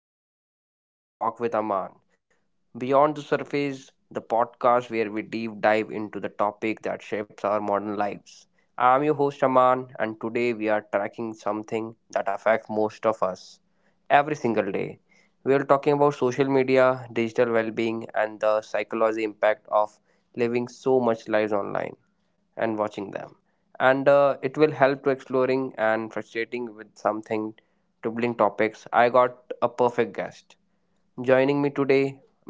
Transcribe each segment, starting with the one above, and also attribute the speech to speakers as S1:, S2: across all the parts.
S1: Welcome back to the show Talk with Aman. Beyond the Surface, the podcast where we deep dive into the topic that shapes our modern lives. I'm your host, Aman, and today we are tracking something that affects most of us every single day. We are talking about social media, digital well being, and the psychology impact of living so much lives online and watching them and it will help to exploring and frustrating with something troubling topics. I got a perfect guest joining me today,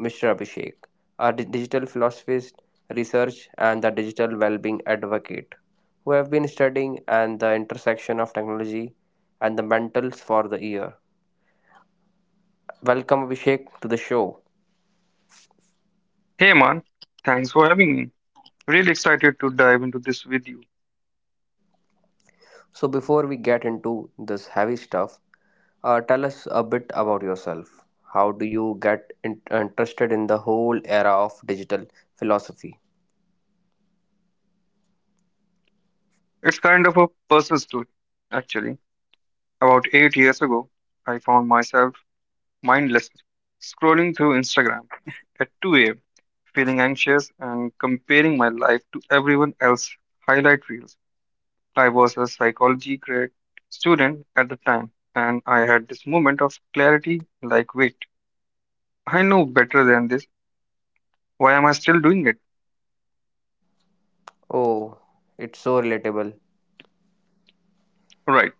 S1: mr abhishek, a digital philosophist, research and the digital well-being advocate, who have been studying and the intersection of technology and the mentals for the year. Welcome abhishek to the show.
S2: Hey man, thanks for having me. Really excited to dive into this with you.
S1: So, before we get into this heavy stuff, tell us a bit about yourself. How do you get interested in the whole era of digital philosophy?
S2: It's kind of a personal story, actually. About 8 years ago, I found myself mindlessly scrolling through Instagram at 2 a.m., feeling anxious and comparing my life to everyone else's highlight reels. I was a psychology grade student at the time, and I had this moment of clarity like, wait, I know better than this. Why am I still doing it?
S1: Oh, it's so relatable.
S2: Right.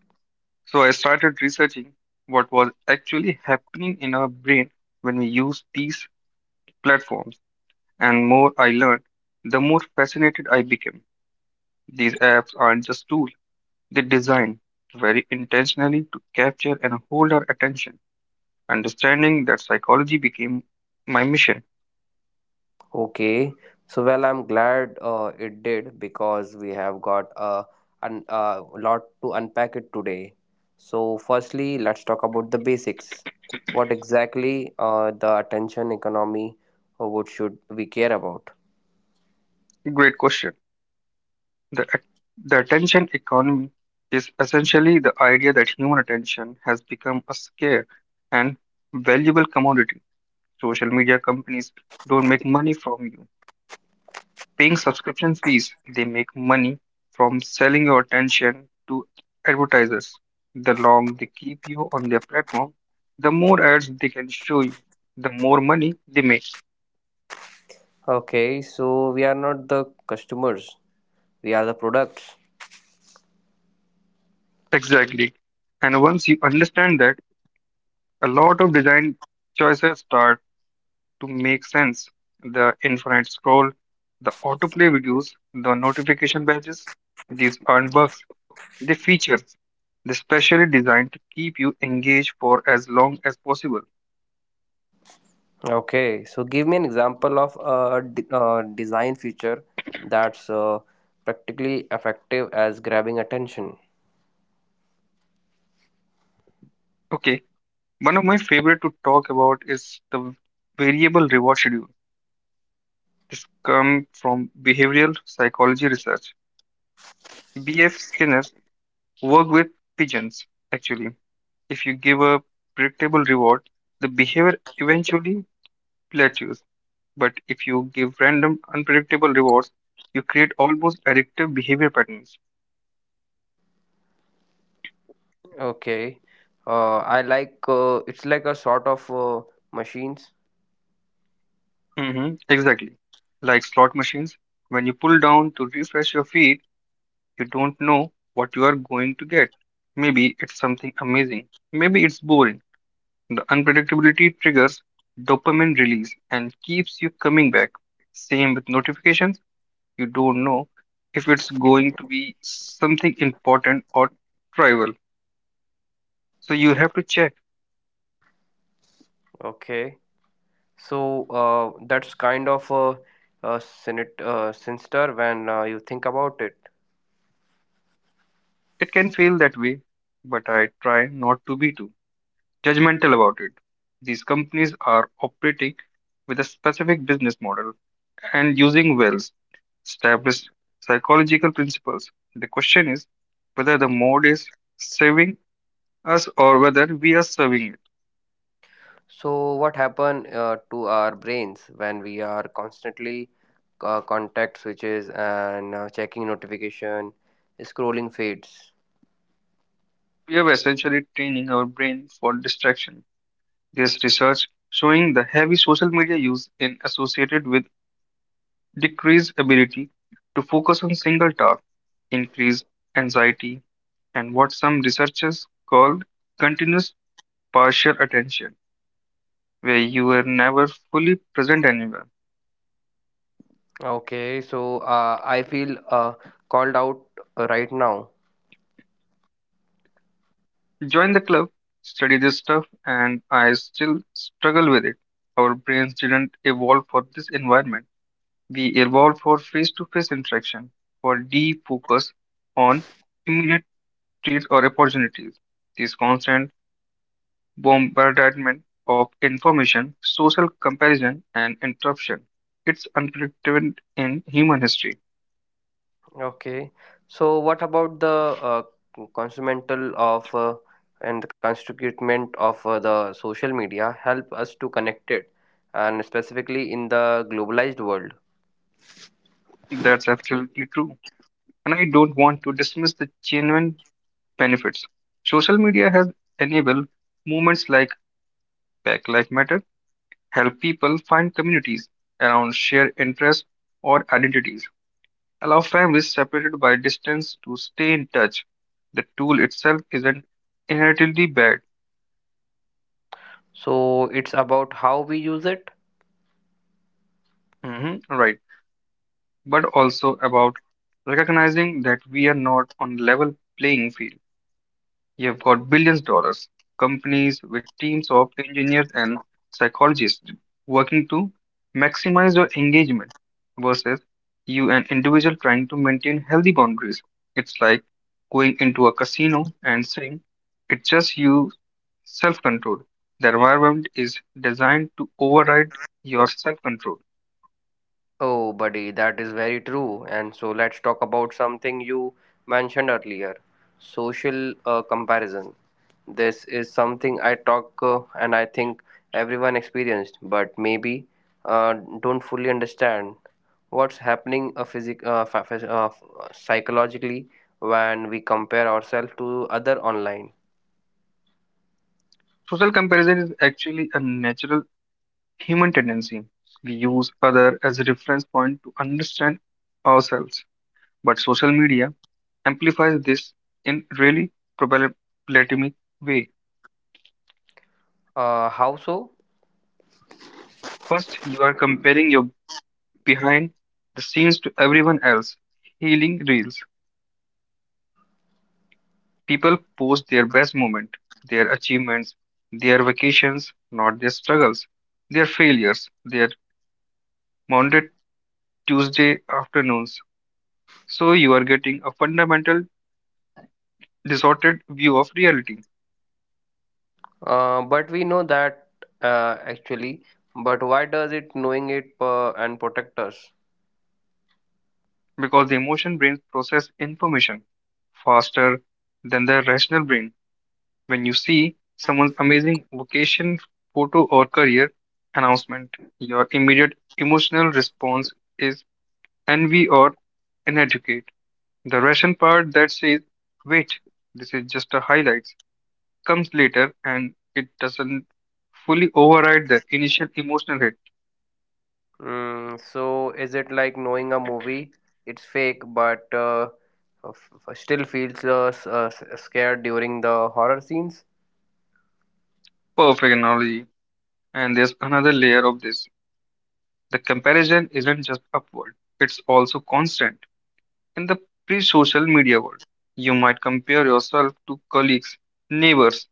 S2: So I started researching what was actually happening in our brain when we use these platforms. And more I learned, the more fascinated I became. These apps aren't just tools, they designed very intentionally to capture and hold our attention. Understanding that psychology became my mission.
S1: Okay, so well, I'm glad it did because we have got a a lot to unpack it today. So, firstly, let's talk about the basics. What exactly the attention economy? What should we care about?
S2: Great question. The, at- the attention economy is essentially the idea that human attention has become a scarce and valuable commodity. Social media companies don't make money from you paying subscription fees, they make money from selling your attention to advertisers. The long they keep you on their platform, the more ads they can show you, the more money they make.
S1: Okay, so we are not the customers, we are the products.
S2: Exactly. And once you understand that, a lot of design choices start to make sense. The infinite scroll, the autoplay videos, the notification badges, these aren't bugs. They feature they're specially designed to keep you engaged for as long as possible.
S1: Okay, so give me an example of a design feature that's practically effective as grabbing attention.
S2: Okay, one of my favorite to talk about is the variable reward schedule. This comes from behavioral psychology research. B.F. Skinner's work with pigeons. Actually, if you give a predictable reward, the behavior eventually plateaus. But if you give random, unpredictable rewards, you create almost addictive behavior patterns.
S1: Okay, I like it's like a sort of machines.
S2: Mm-hmm, exactly. Like slot machines, when you pull down to refresh your feed, you don't know what you are going to get. Maybe it's something amazing, maybe it's boring. The unpredictability triggers dopamine release and keeps you coming back. Same with notifications, you don't know if it's going to be something important or trivial. So you have to check.
S1: Okay, so that's kind of a sinister when you think about it.
S2: It can feel that way, but I try not to be too judgmental about it. These companies are operating with a specific business model and using Wells' established psychological principles. The question is whether the mode is serving us or whether we are serving it.
S1: So, what happen to our brains when we are constantly contact switches and checking notification, scrolling feeds?
S2: We are essentially training our brain for distraction. There's research showing the heavy social media use is associated with decreased ability to focus on single task, increased anxiety, and what some researchers call continuous partial attention, where you are never fully present anywhere.
S1: Okay, so I feel called out right now.
S2: Join the club, study this stuff, and I still struggle with it. Our brains didn't evolve for this environment. We evolved for face to face interaction, for deep focus on immediate treats or opportunities. This constant bombardment of information, social comparison, and interruption. It's unprecedented in human history.
S1: Okay, so what about the uh, consumental of and the constituent of the social media help us to connect it, and specifically in the globalized world?
S2: That's absolutely true. And I don't want to dismiss the genuine benefits. Social media has enabled movements like Black Lives Matter, help people find communities around shared interests or identities, allow families separated by distance to stay in touch. The tool itself isn't inherently bad.
S1: So it's about how we use it.
S2: Mhm, right, but also about recognizing that we are not on level playing field. You've got billions of dollars, companies with teams of engineers and psychologists working to maximize your engagement versus you an individual trying to maintain healthy boundaries. It's like going into a casino and saying it's just you self control. The environment is designed to override your self control.
S1: Oh, buddy, that is very true. And so let's talk about something you mentioned earlier, social comparison. This is something I talk and I think everyone experienced, but maybe uh, don't fully understand what's happening physic fa- phys- f- psychologically when we compare ourselves to other online.
S2: Social comparison is actually a natural human tendency. We use other as a reference point to understand ourselves. But social media amplifies this in really problematic way.
S1: How so?
S2: First, you are comparing your behind the scenes to everyone else. Healing reels. People post their best moment, their achievements, their vacations, not their struggles, their failures, their Monday, Tuesday afternoons. So you are getting a fundamental distorted view of reality
S1: But we know that actually. But why does it knowing it and protect us?
S2: because the emotion brain process information faster than the rational brain. When you see someone's amazing vocation, photo, or career announcement. Your immediate emotional response is envy or inadequate. The ration part that says, wait, this is just a highlights, comes later and it doesn't fully override the initial emotional hit.
S1: Mm, so is it like knowing a movie? It's fake, but still feels scared during the horror scenes.
S2: Perfect analogy. And there's another layer of this. The comparison isn't just upward, it's also constant. In the pre social media world, you might compare yourself to colleagues, neighbors,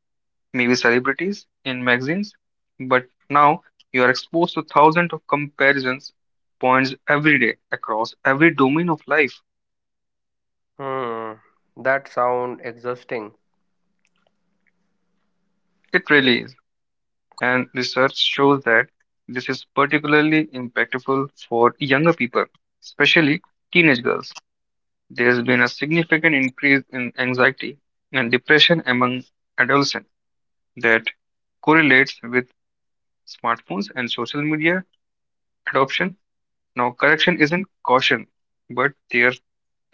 S2: maybe celebrities in magazines, but now you are exposed to thousands of comparisons points every day across every domain of life.
S1: Hmm, that sound exhausting.
S2: It really is. And research shows that this is particularly impactful for younger people, especially teenage girls. There's been a significant increase in anxiety and depression among adolescents that correlates with smartphones and social media adoption. Now, correction isn't caution, but there's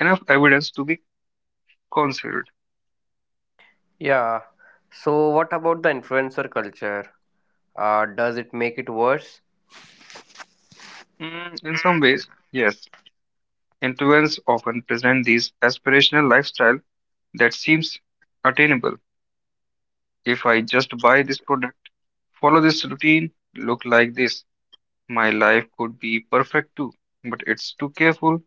S2: enough evidence to be considered.
S1: Yeah. So what about the influencer culture? Does it make it worse?
S2: Mm, in some ways, yes, influence often present these aspirational lifestyle that seems attainable. If I just buy this product, follow this routine, look like this, my life could be perfect too. But it's too careful,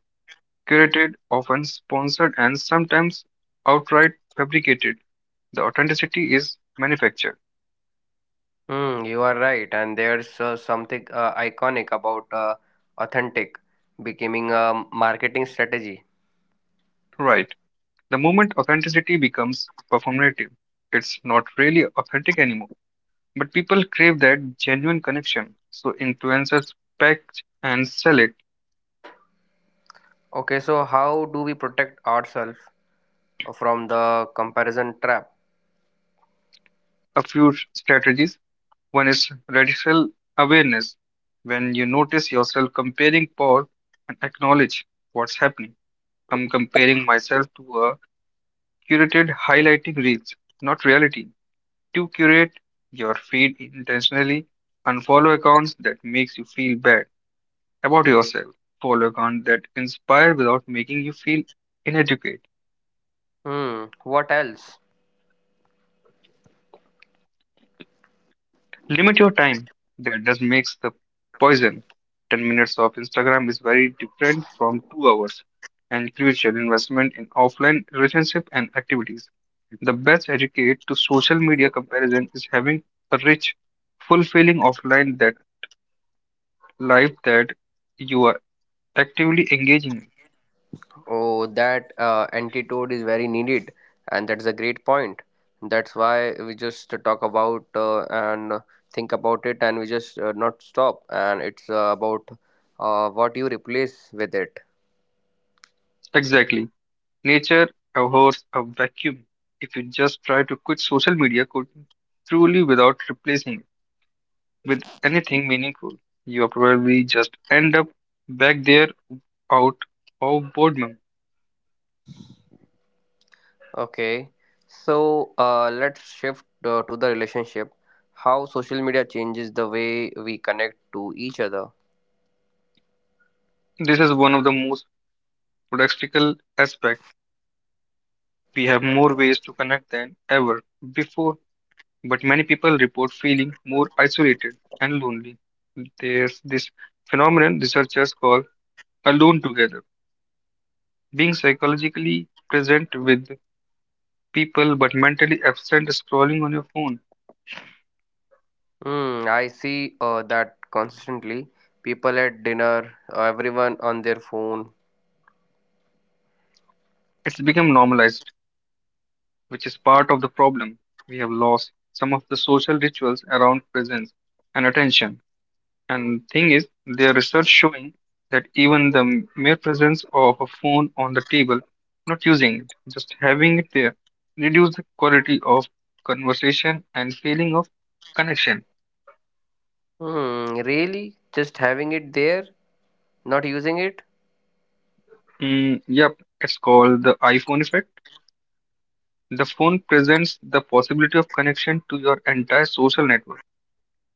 S2: curated, often sponsored, and sometimes outright fabricated. The authenticity is manufactured.
S1: Hmm, you are right, and there's something iconic about authentic becoming a marketing strategy.
S2: Right. The moment authenticity becomes performative, it's not really authentic anymore. But people crave that genuine connection, so influencers pack and sell it.
S1: Okay, so how do we protect ourselves from the comparison trap?
S2: A few strategies: one is radical awareness, when you notice yourself comparing, pause and acknowledge what's happening. I'm comparing myself to a curated highlighting reels, not reality. To curate your feed intentionally, unfollow accounts that makes you feel bad about yourself, follow accounts that inspire without making you feel inadequate.
S1: Hmm, what else?
S2: Limit your time. That does makes the poison. 10 minutes of Instagram is very different from 2 hours and crucial investment in offline relationship and activities. The best educate to social media comparison is having a rich, fulfilling offline that life that you are actively engaging in.
S1: Oh, that antidote is very needed, and that's a great point. That's why we just talk about and think about it, and we just not stop. And it's about what you replace with it.
S2: Exactly. Nature abhors a vacuum. If you just try to quit social media could truly without replacing it with anything meaningful, you probably just end up back there out of boredom.
S1: Okay, so let's shift to the relationship. How social media changes the way we connect to each other.
S2: This is one of the most practical aspects. We have more ways to connect than ever before, but many people report feeling more isolated and lonely. There's this phenomenon researchers call alone together, being psychologically present with people but mentally absent scrolling on your phone.
S1: Hmm, I see that constantly. People at dinner, everyone on their phone.
S2: It's become normalized, which is part of the problem. We have lost some of the social rituals around presence and attention. And thing is, there is research showing that even the mere presence of a phone on the table, not using it, just having it there, reduce the quality of conversation and feeling of connection.
S1: Hmm, really? Just having it there, not using it?
S2: Mm, yep, it's called the iPhone effect. The phone presents the possibility of connection to your entire social network.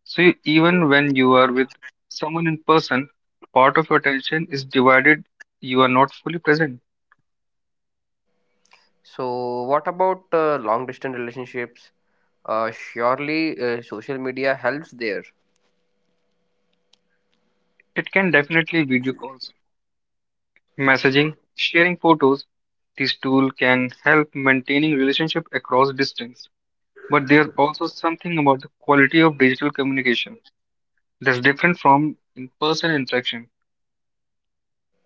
S2: So even when you are with someone in person, part of your attention is divided. You are not fully present.
S1: So, what about long distance relationships? Surely social media helps there.
S2: It can definitely video calls, messaging, sharing photos. This tool can help maintaining relationship across distance. But there's also something about the quality of digital communication that's different from in-person interaction.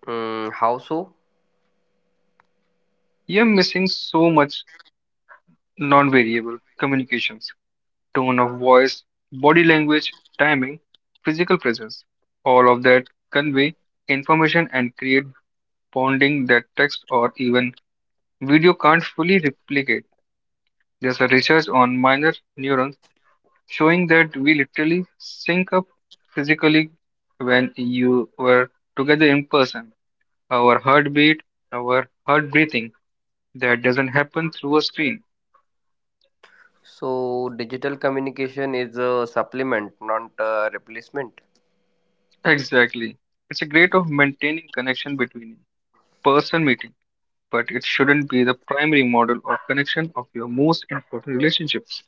S1: Mm, how so?
S2: You're missing so much non-variable communications. Tone of voice, body language, timing, physical presence. All of that convey information and create bonding that text or even video can't fully replicate. There's a research on minor neurons showing that we literally sync up physically when you were together in person. Our heartbeat, our heart breathing, that doesn't happen through a screen.
S1: So, digital communication is a supplement, not a replacement.
S2: Exactly. It's a great of maintaining connection between person meeting, but it shouldn't be the primary model or connection of your most important relationships.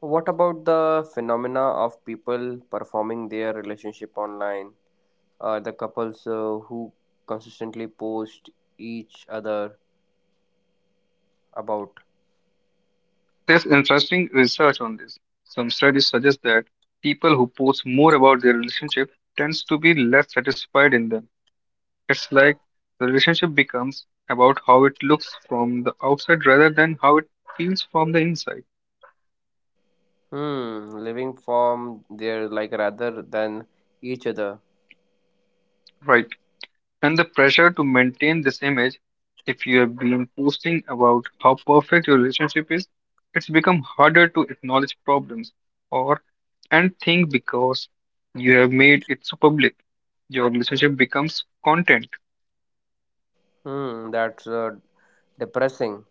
S1: What about the phenomena of people performing their relationship online? The couples who consistently post each other about.
S2: There's interesting research on this. Some studies suggest that people who post more about their relationship tends to be less satisfied in them. It's like the relationship becomes about how it looks from the outside rather than how it feels from the inside.
S1: Hmm, living form there like rather than each other.
S2: Right. And the pressure to maintain this image, if you have been posting about how perfect your relationship is, it's become harder to acknowledge problems or and think, because you have made it so public, your relationship becomes content.
S1: Hmm, that's depressing.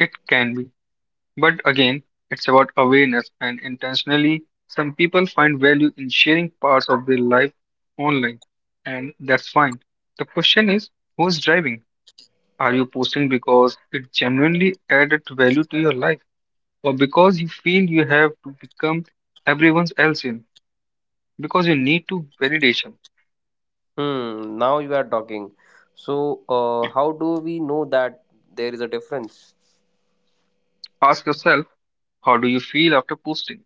S2: It can be, but again, it's about awareness and intentionally. Some people find value in sharing parts of their life online, and that's fine. The question is, who's driving? Are you posting because it genuinely added value to your life, or because you feel you have to become everyone else in, because you need to validation?
S1: Hmm, now you are talking. So, how do we know that there is a difference?
S2: Ask yourself, how do you feel after posting?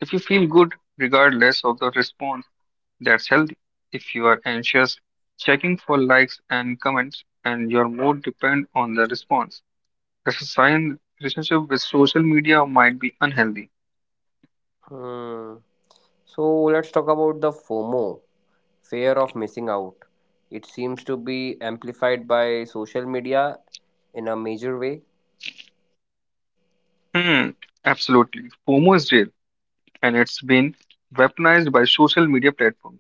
S2: If you feel good regardless of the response, that's healthy. If you are anxious, checking for likes and comments and your mood depend on the response, that's a sign relationship with social media might be unhealthy.
S1: Hmm. So let's talk about the FOMO, fear of missing out. It seems to be amplified by social media in a major way.
S2: Hmm, absolutely. FOMO is real and it's been weaponized by social media platforms.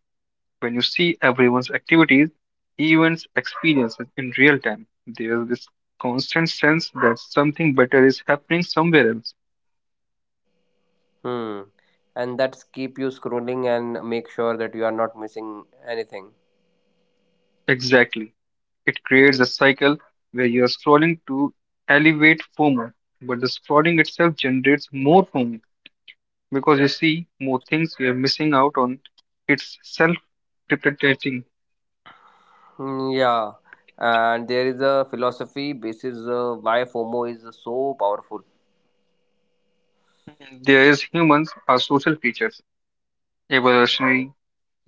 S2: When you see everyone's activities, events, experiences in real time, there's this constant sense that something better is happening somewhere else.
S1: Hmm. And that's keep you scrolling and make sure that you are not missing anything.
S2: Exactly. It creates a cycle where you're scrolling to elevate FOMO, but the scrolling itself generates more FOMO because you see more things you're missing out on. It's self perpetuating.
S1: Hmm, yeah, and there is a philosophy basis why FOMO is so powerful.
S2: There is humans are social creatures evolutionary.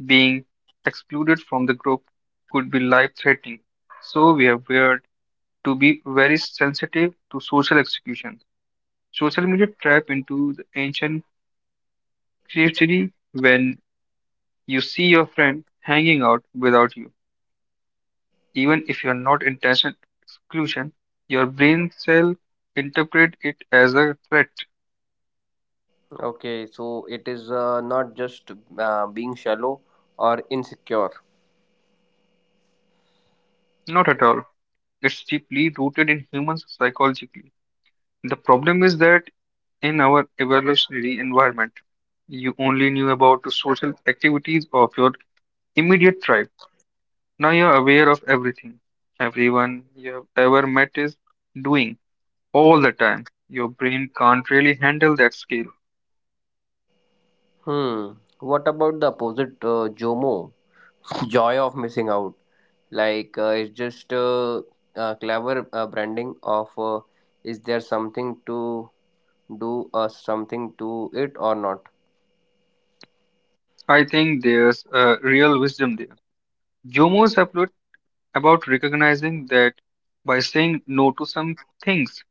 S2: Being excluded from the group could be life threatening, so we have learned to be very sensitive to social execution. Social media trap into the ancient creativity when you see your friend hanging out without you. Even if you are not intentional exclusion, your brain cell interpret it as a threat.
S1: Okay, so it is not just being shallow or insecure.
S2: Not at all. It's deeply rooted in humans psychologically. The problem is that in our evolutionary environment, you only knew about the social activities of your immediate tribe. Now you're aware of everything. Everyone you have ever met is doing all the time. Your brain can't really handle that scale.
S1: Hmm, what about the opposite, JOMO? Joy of missing out. Like it's just clever branding of is there something to do or something to it or not?
S2: I think there's a real wisdom there. Jomo is about recognizing that by saying no to some things,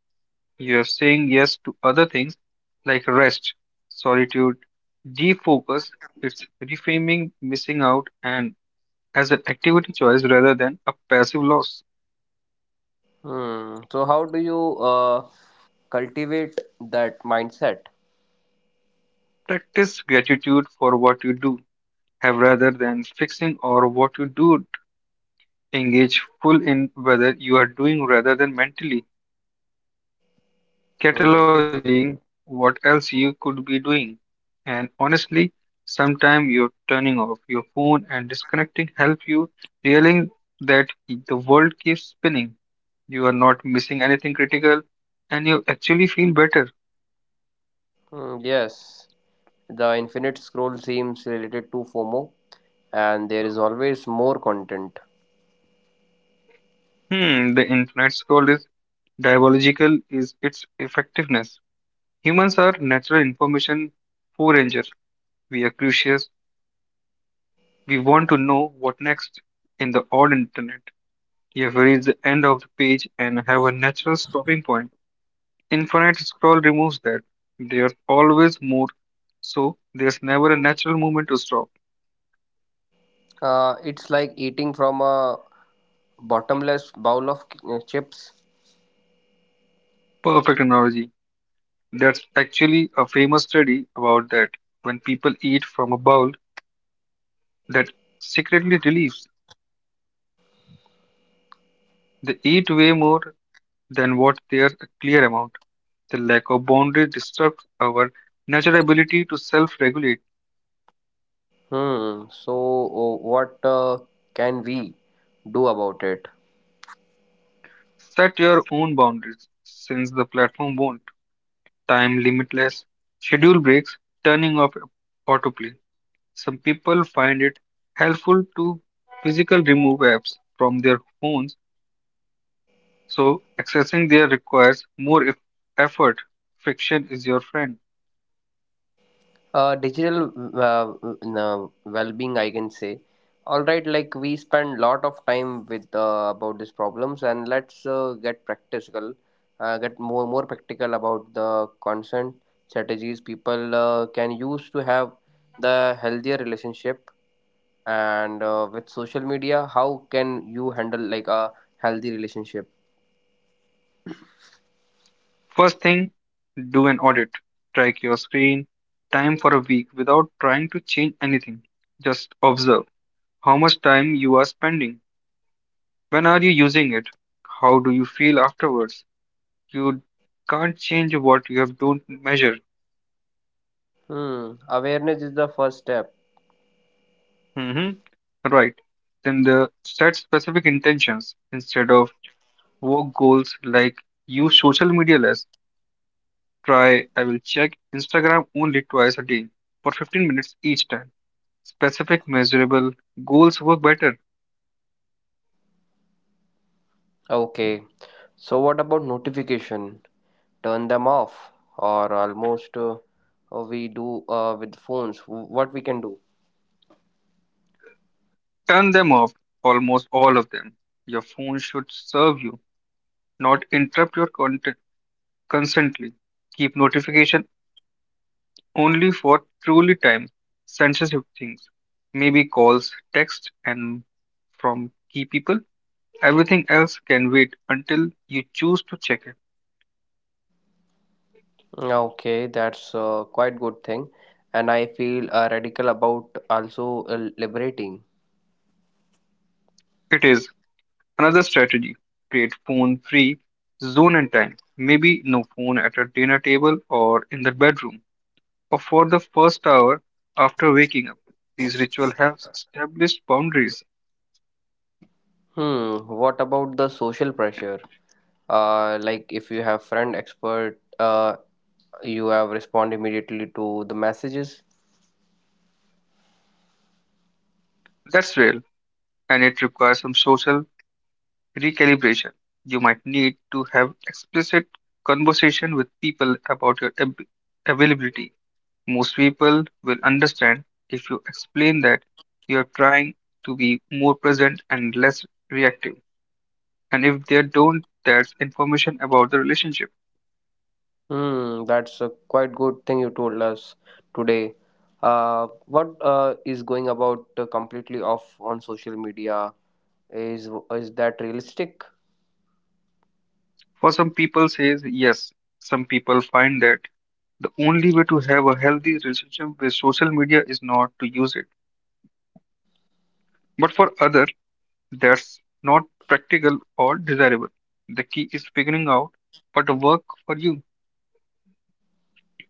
S2: you're saying yes to other things like rest, solitude, defocus, it's reframing missing out and as an activity choice rather than a passive loss.
S1: Hmm. So how do you cultivate that mindset?
S2: Practice gratitude for what you do have rather than fixing or what you do. Engage full in whether you are doing rather than mentally
S1: Hmm.
S2: cataloging what else you could be doing. And honestly, sometimes your turning off your phone and disconnecting help you realizing that the world keeps spinning. You are not missing anything critical and you actually feel better.
S1: Hmm, yes, the Infinite Scroll seems related to FOMO, and there is always more content.
S2: Hmm, the infinite scroll is diabolical is its effectiveness. Humans are natural information foragers. We are curious. We want to know what next in the odd internet. You have reached the end of the page and have a natural stopping point. Infinite scroll removes that. There's always more, so there's never a natural moment to stop.
S1: It's like eating from a bottomless bowl of chips.
S2: Perfect analogy. That's actually a famous study about that. When people eat from a bowl that secretly relieves, they eat way more than what their clear amount. The lack of boundary disrupts our natural ability to self regulate.
S1: Hmm. So, what can we do about it?
S2: Set your own boundaries since the platform won't. Time limitless, schedule breaks, turning off autoplay. Some people find it helpful to physical remove apps from their phones, so accessing there requires more effort. Friction is your friend.
S1: Digital uh, mm, well-being I can say. All right, like we spend lot of time with about these problems, and let's get practical, get more practical about the consent strategies people can use to have the healthier relationship and with social media. How can you handle like a healthy relationship?
S2: First thing, do an audit. Track your screen time for a week without trying to change anything. Just observe how much time you are spending. When are you using it? How do you feel afterwards? You can't change what you have don't measure.
S1: Hmm, awareness is the first step.
S2: Hmm. Right. Then the set specific intentions instead of work goals like use social media less. Try I will check Instagram only twice a day for 15 minutes each time. Specific measurable goals work better.
S1: Okay, so what about notification? Turn them off or almost we do with phones? What we can do?
S2: Turn them off, almost all of them. Your phone should serve you, not interrupt your content constantly. Keep notification only for truly time sensitive things. Maybe calls, texts, and from key people. Everything else can wait until you choose to check it.
S1: Okay, that's quite good thing, and I feel radical about also, uh, liberating.
S2: It is another strategy. Create phone free zone and time. Maybe no phone at a dinner table or in the bedroom. For the first hour after waking up, these ritual helps establish boundaries.
S1: Hmm, what about the social pressure, like if you have friend expert, you have respond immediately to the messages?
S2: That's real, and it requires some social recalibration. You might need to have explicit conversation with people about your availability. Most people will understand if you explain that you are trying to be more present and less reactive. And if they don't, that's information about the relationship.
S1: Hmm, that's a quite good thing you told us today. What Is going about completely off on social media? Is that realistic?
S2: For some people says yes, some people find that the only way to have a healthy relationship with social media is not to use it. But for others, that's not practical or desirable. The key is figuring out what work for you.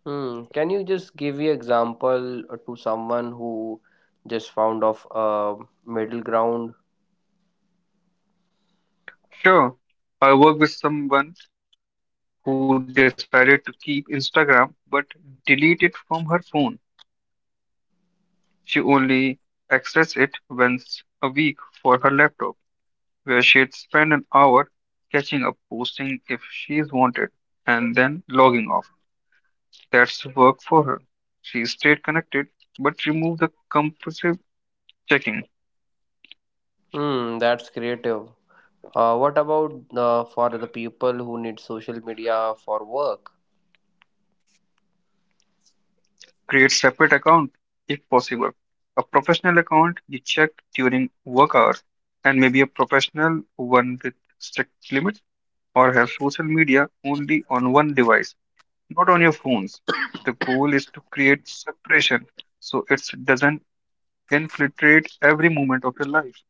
S1: Hmm. Can you just give me example to someone who just found of a middle ground?
S2: Sure, I work with someone who decided to keep Instagram but delete it from her phone. She only accessed it once a week for her laptop, where she'd spend an hour catching up, posting if she's wanted, and then logging off. That's work for her. She stayed connected, but remove the compulsive checking.
S1: Hmm. That's creative. What about for the people who need social media for work?
S2: Create separate account if possible. A professional account you check during work hours, and maybe a professional one with strict limits, or have social media only on one device, not on your phones. The goal is to create separation so it doesn't infiltrate every moment of your life.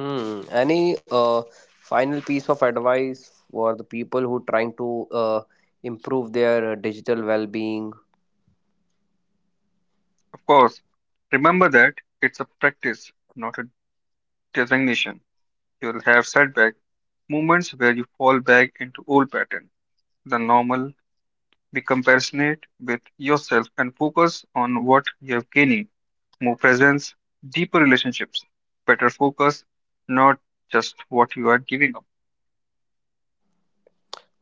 S1: Hmm. Any final piece of advice for the people who trying to improve their digital well-being?
S2: Of course, remember that it's a practice, not a designation. You'll have setback moments where you fall back into old patterns. The normal, be compassionate with yourself and focus on what you are gaining. More presence, deeper relationships, better focus, not just what you are giving up.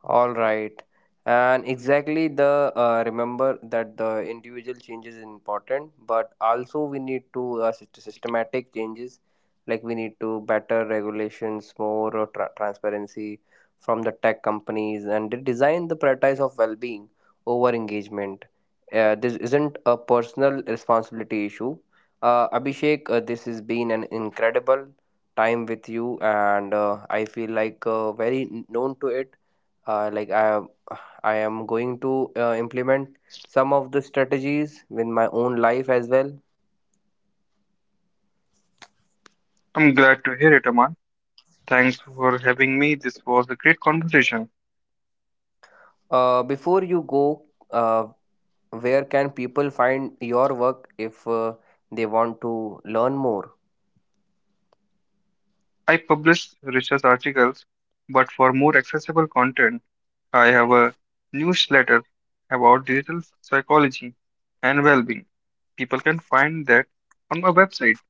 S1: All right. And exactly the remember that the individual changes is important, but also we need to systematic changes. Like we need to better regulations, more transparency from the tech companies, and they design the prioritize of well-being over engagement. This isn't a personal responsibility issue. Abhishek, this has been an incredible time with you, and I feel like very known to it, like I, I am going to implement some of the strategies in my own life as well.
S2: I'm glad to hear it, Aman. Thanks for having me. This was a great conversation.
S1: Before you go, uh, where can people find your work if they want to learn more?
S2: I publish research articles, but for more accessible content, I have a newsletter about digital psychology and well-being. People can find that on my website.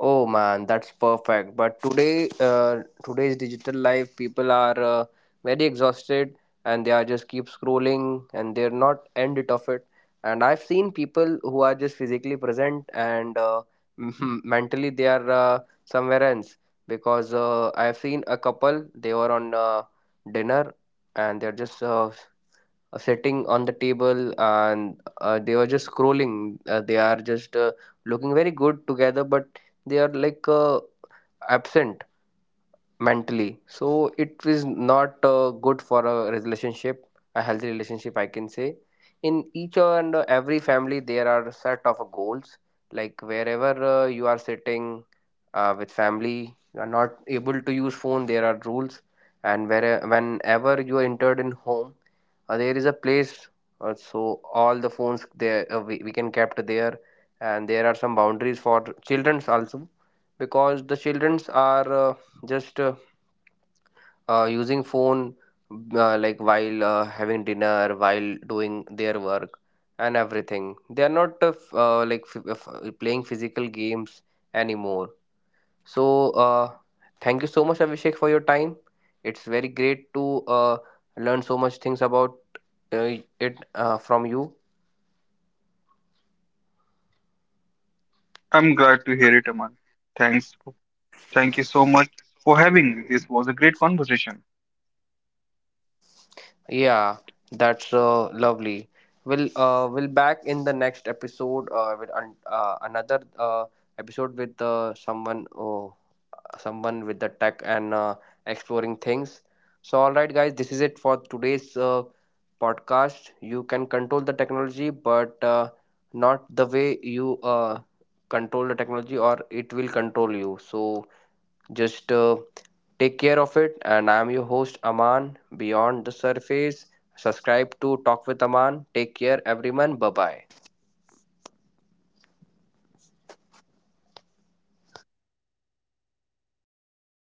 S1: Oh man, that's perfect. But today, today's digital life, people are very exhausted, and they are just keep scrolling and they're not end it of it. And I've seen people who are just physically present and mentally they are somewhere else because I've seen a couple. They were on dinner and they're just sitting on the table, and they were just scrolling, they are just looking very good together, but they are like absent mentally, so it is not good for a relationship, a healthy relationship I can say. In each and every family there are set of goals, like wherever you are sitting with family you are not able to use phone, there are rules. And where whenever you are entered in home, there is a place, so all the phones there we can kept there. And there are some boundaries for children's also, because the children's are just using phone, like while having dinner, while doing their work and everything. They are not playing physical games anymore. So thank you so much abhishek for your time. It's very great to learn so much things about uh, it from you.
S2: I'm glad to hear it, Aman. Thanks. Thank you so much for having me. This was a great conversation.
S1: Yeah, that's lovely. We'll back in the next episode another episode with someone, oh, someone with the tech and exploring things. So, all right, guys, this is it for today's podcast. You can control the technology, but not the way you control the technology, or it will control you. So, just take care of it. And I'm your host, Aman, Beyond the Surface. Subscribe to Talk with Aman. Take care, everyone. Bye bye.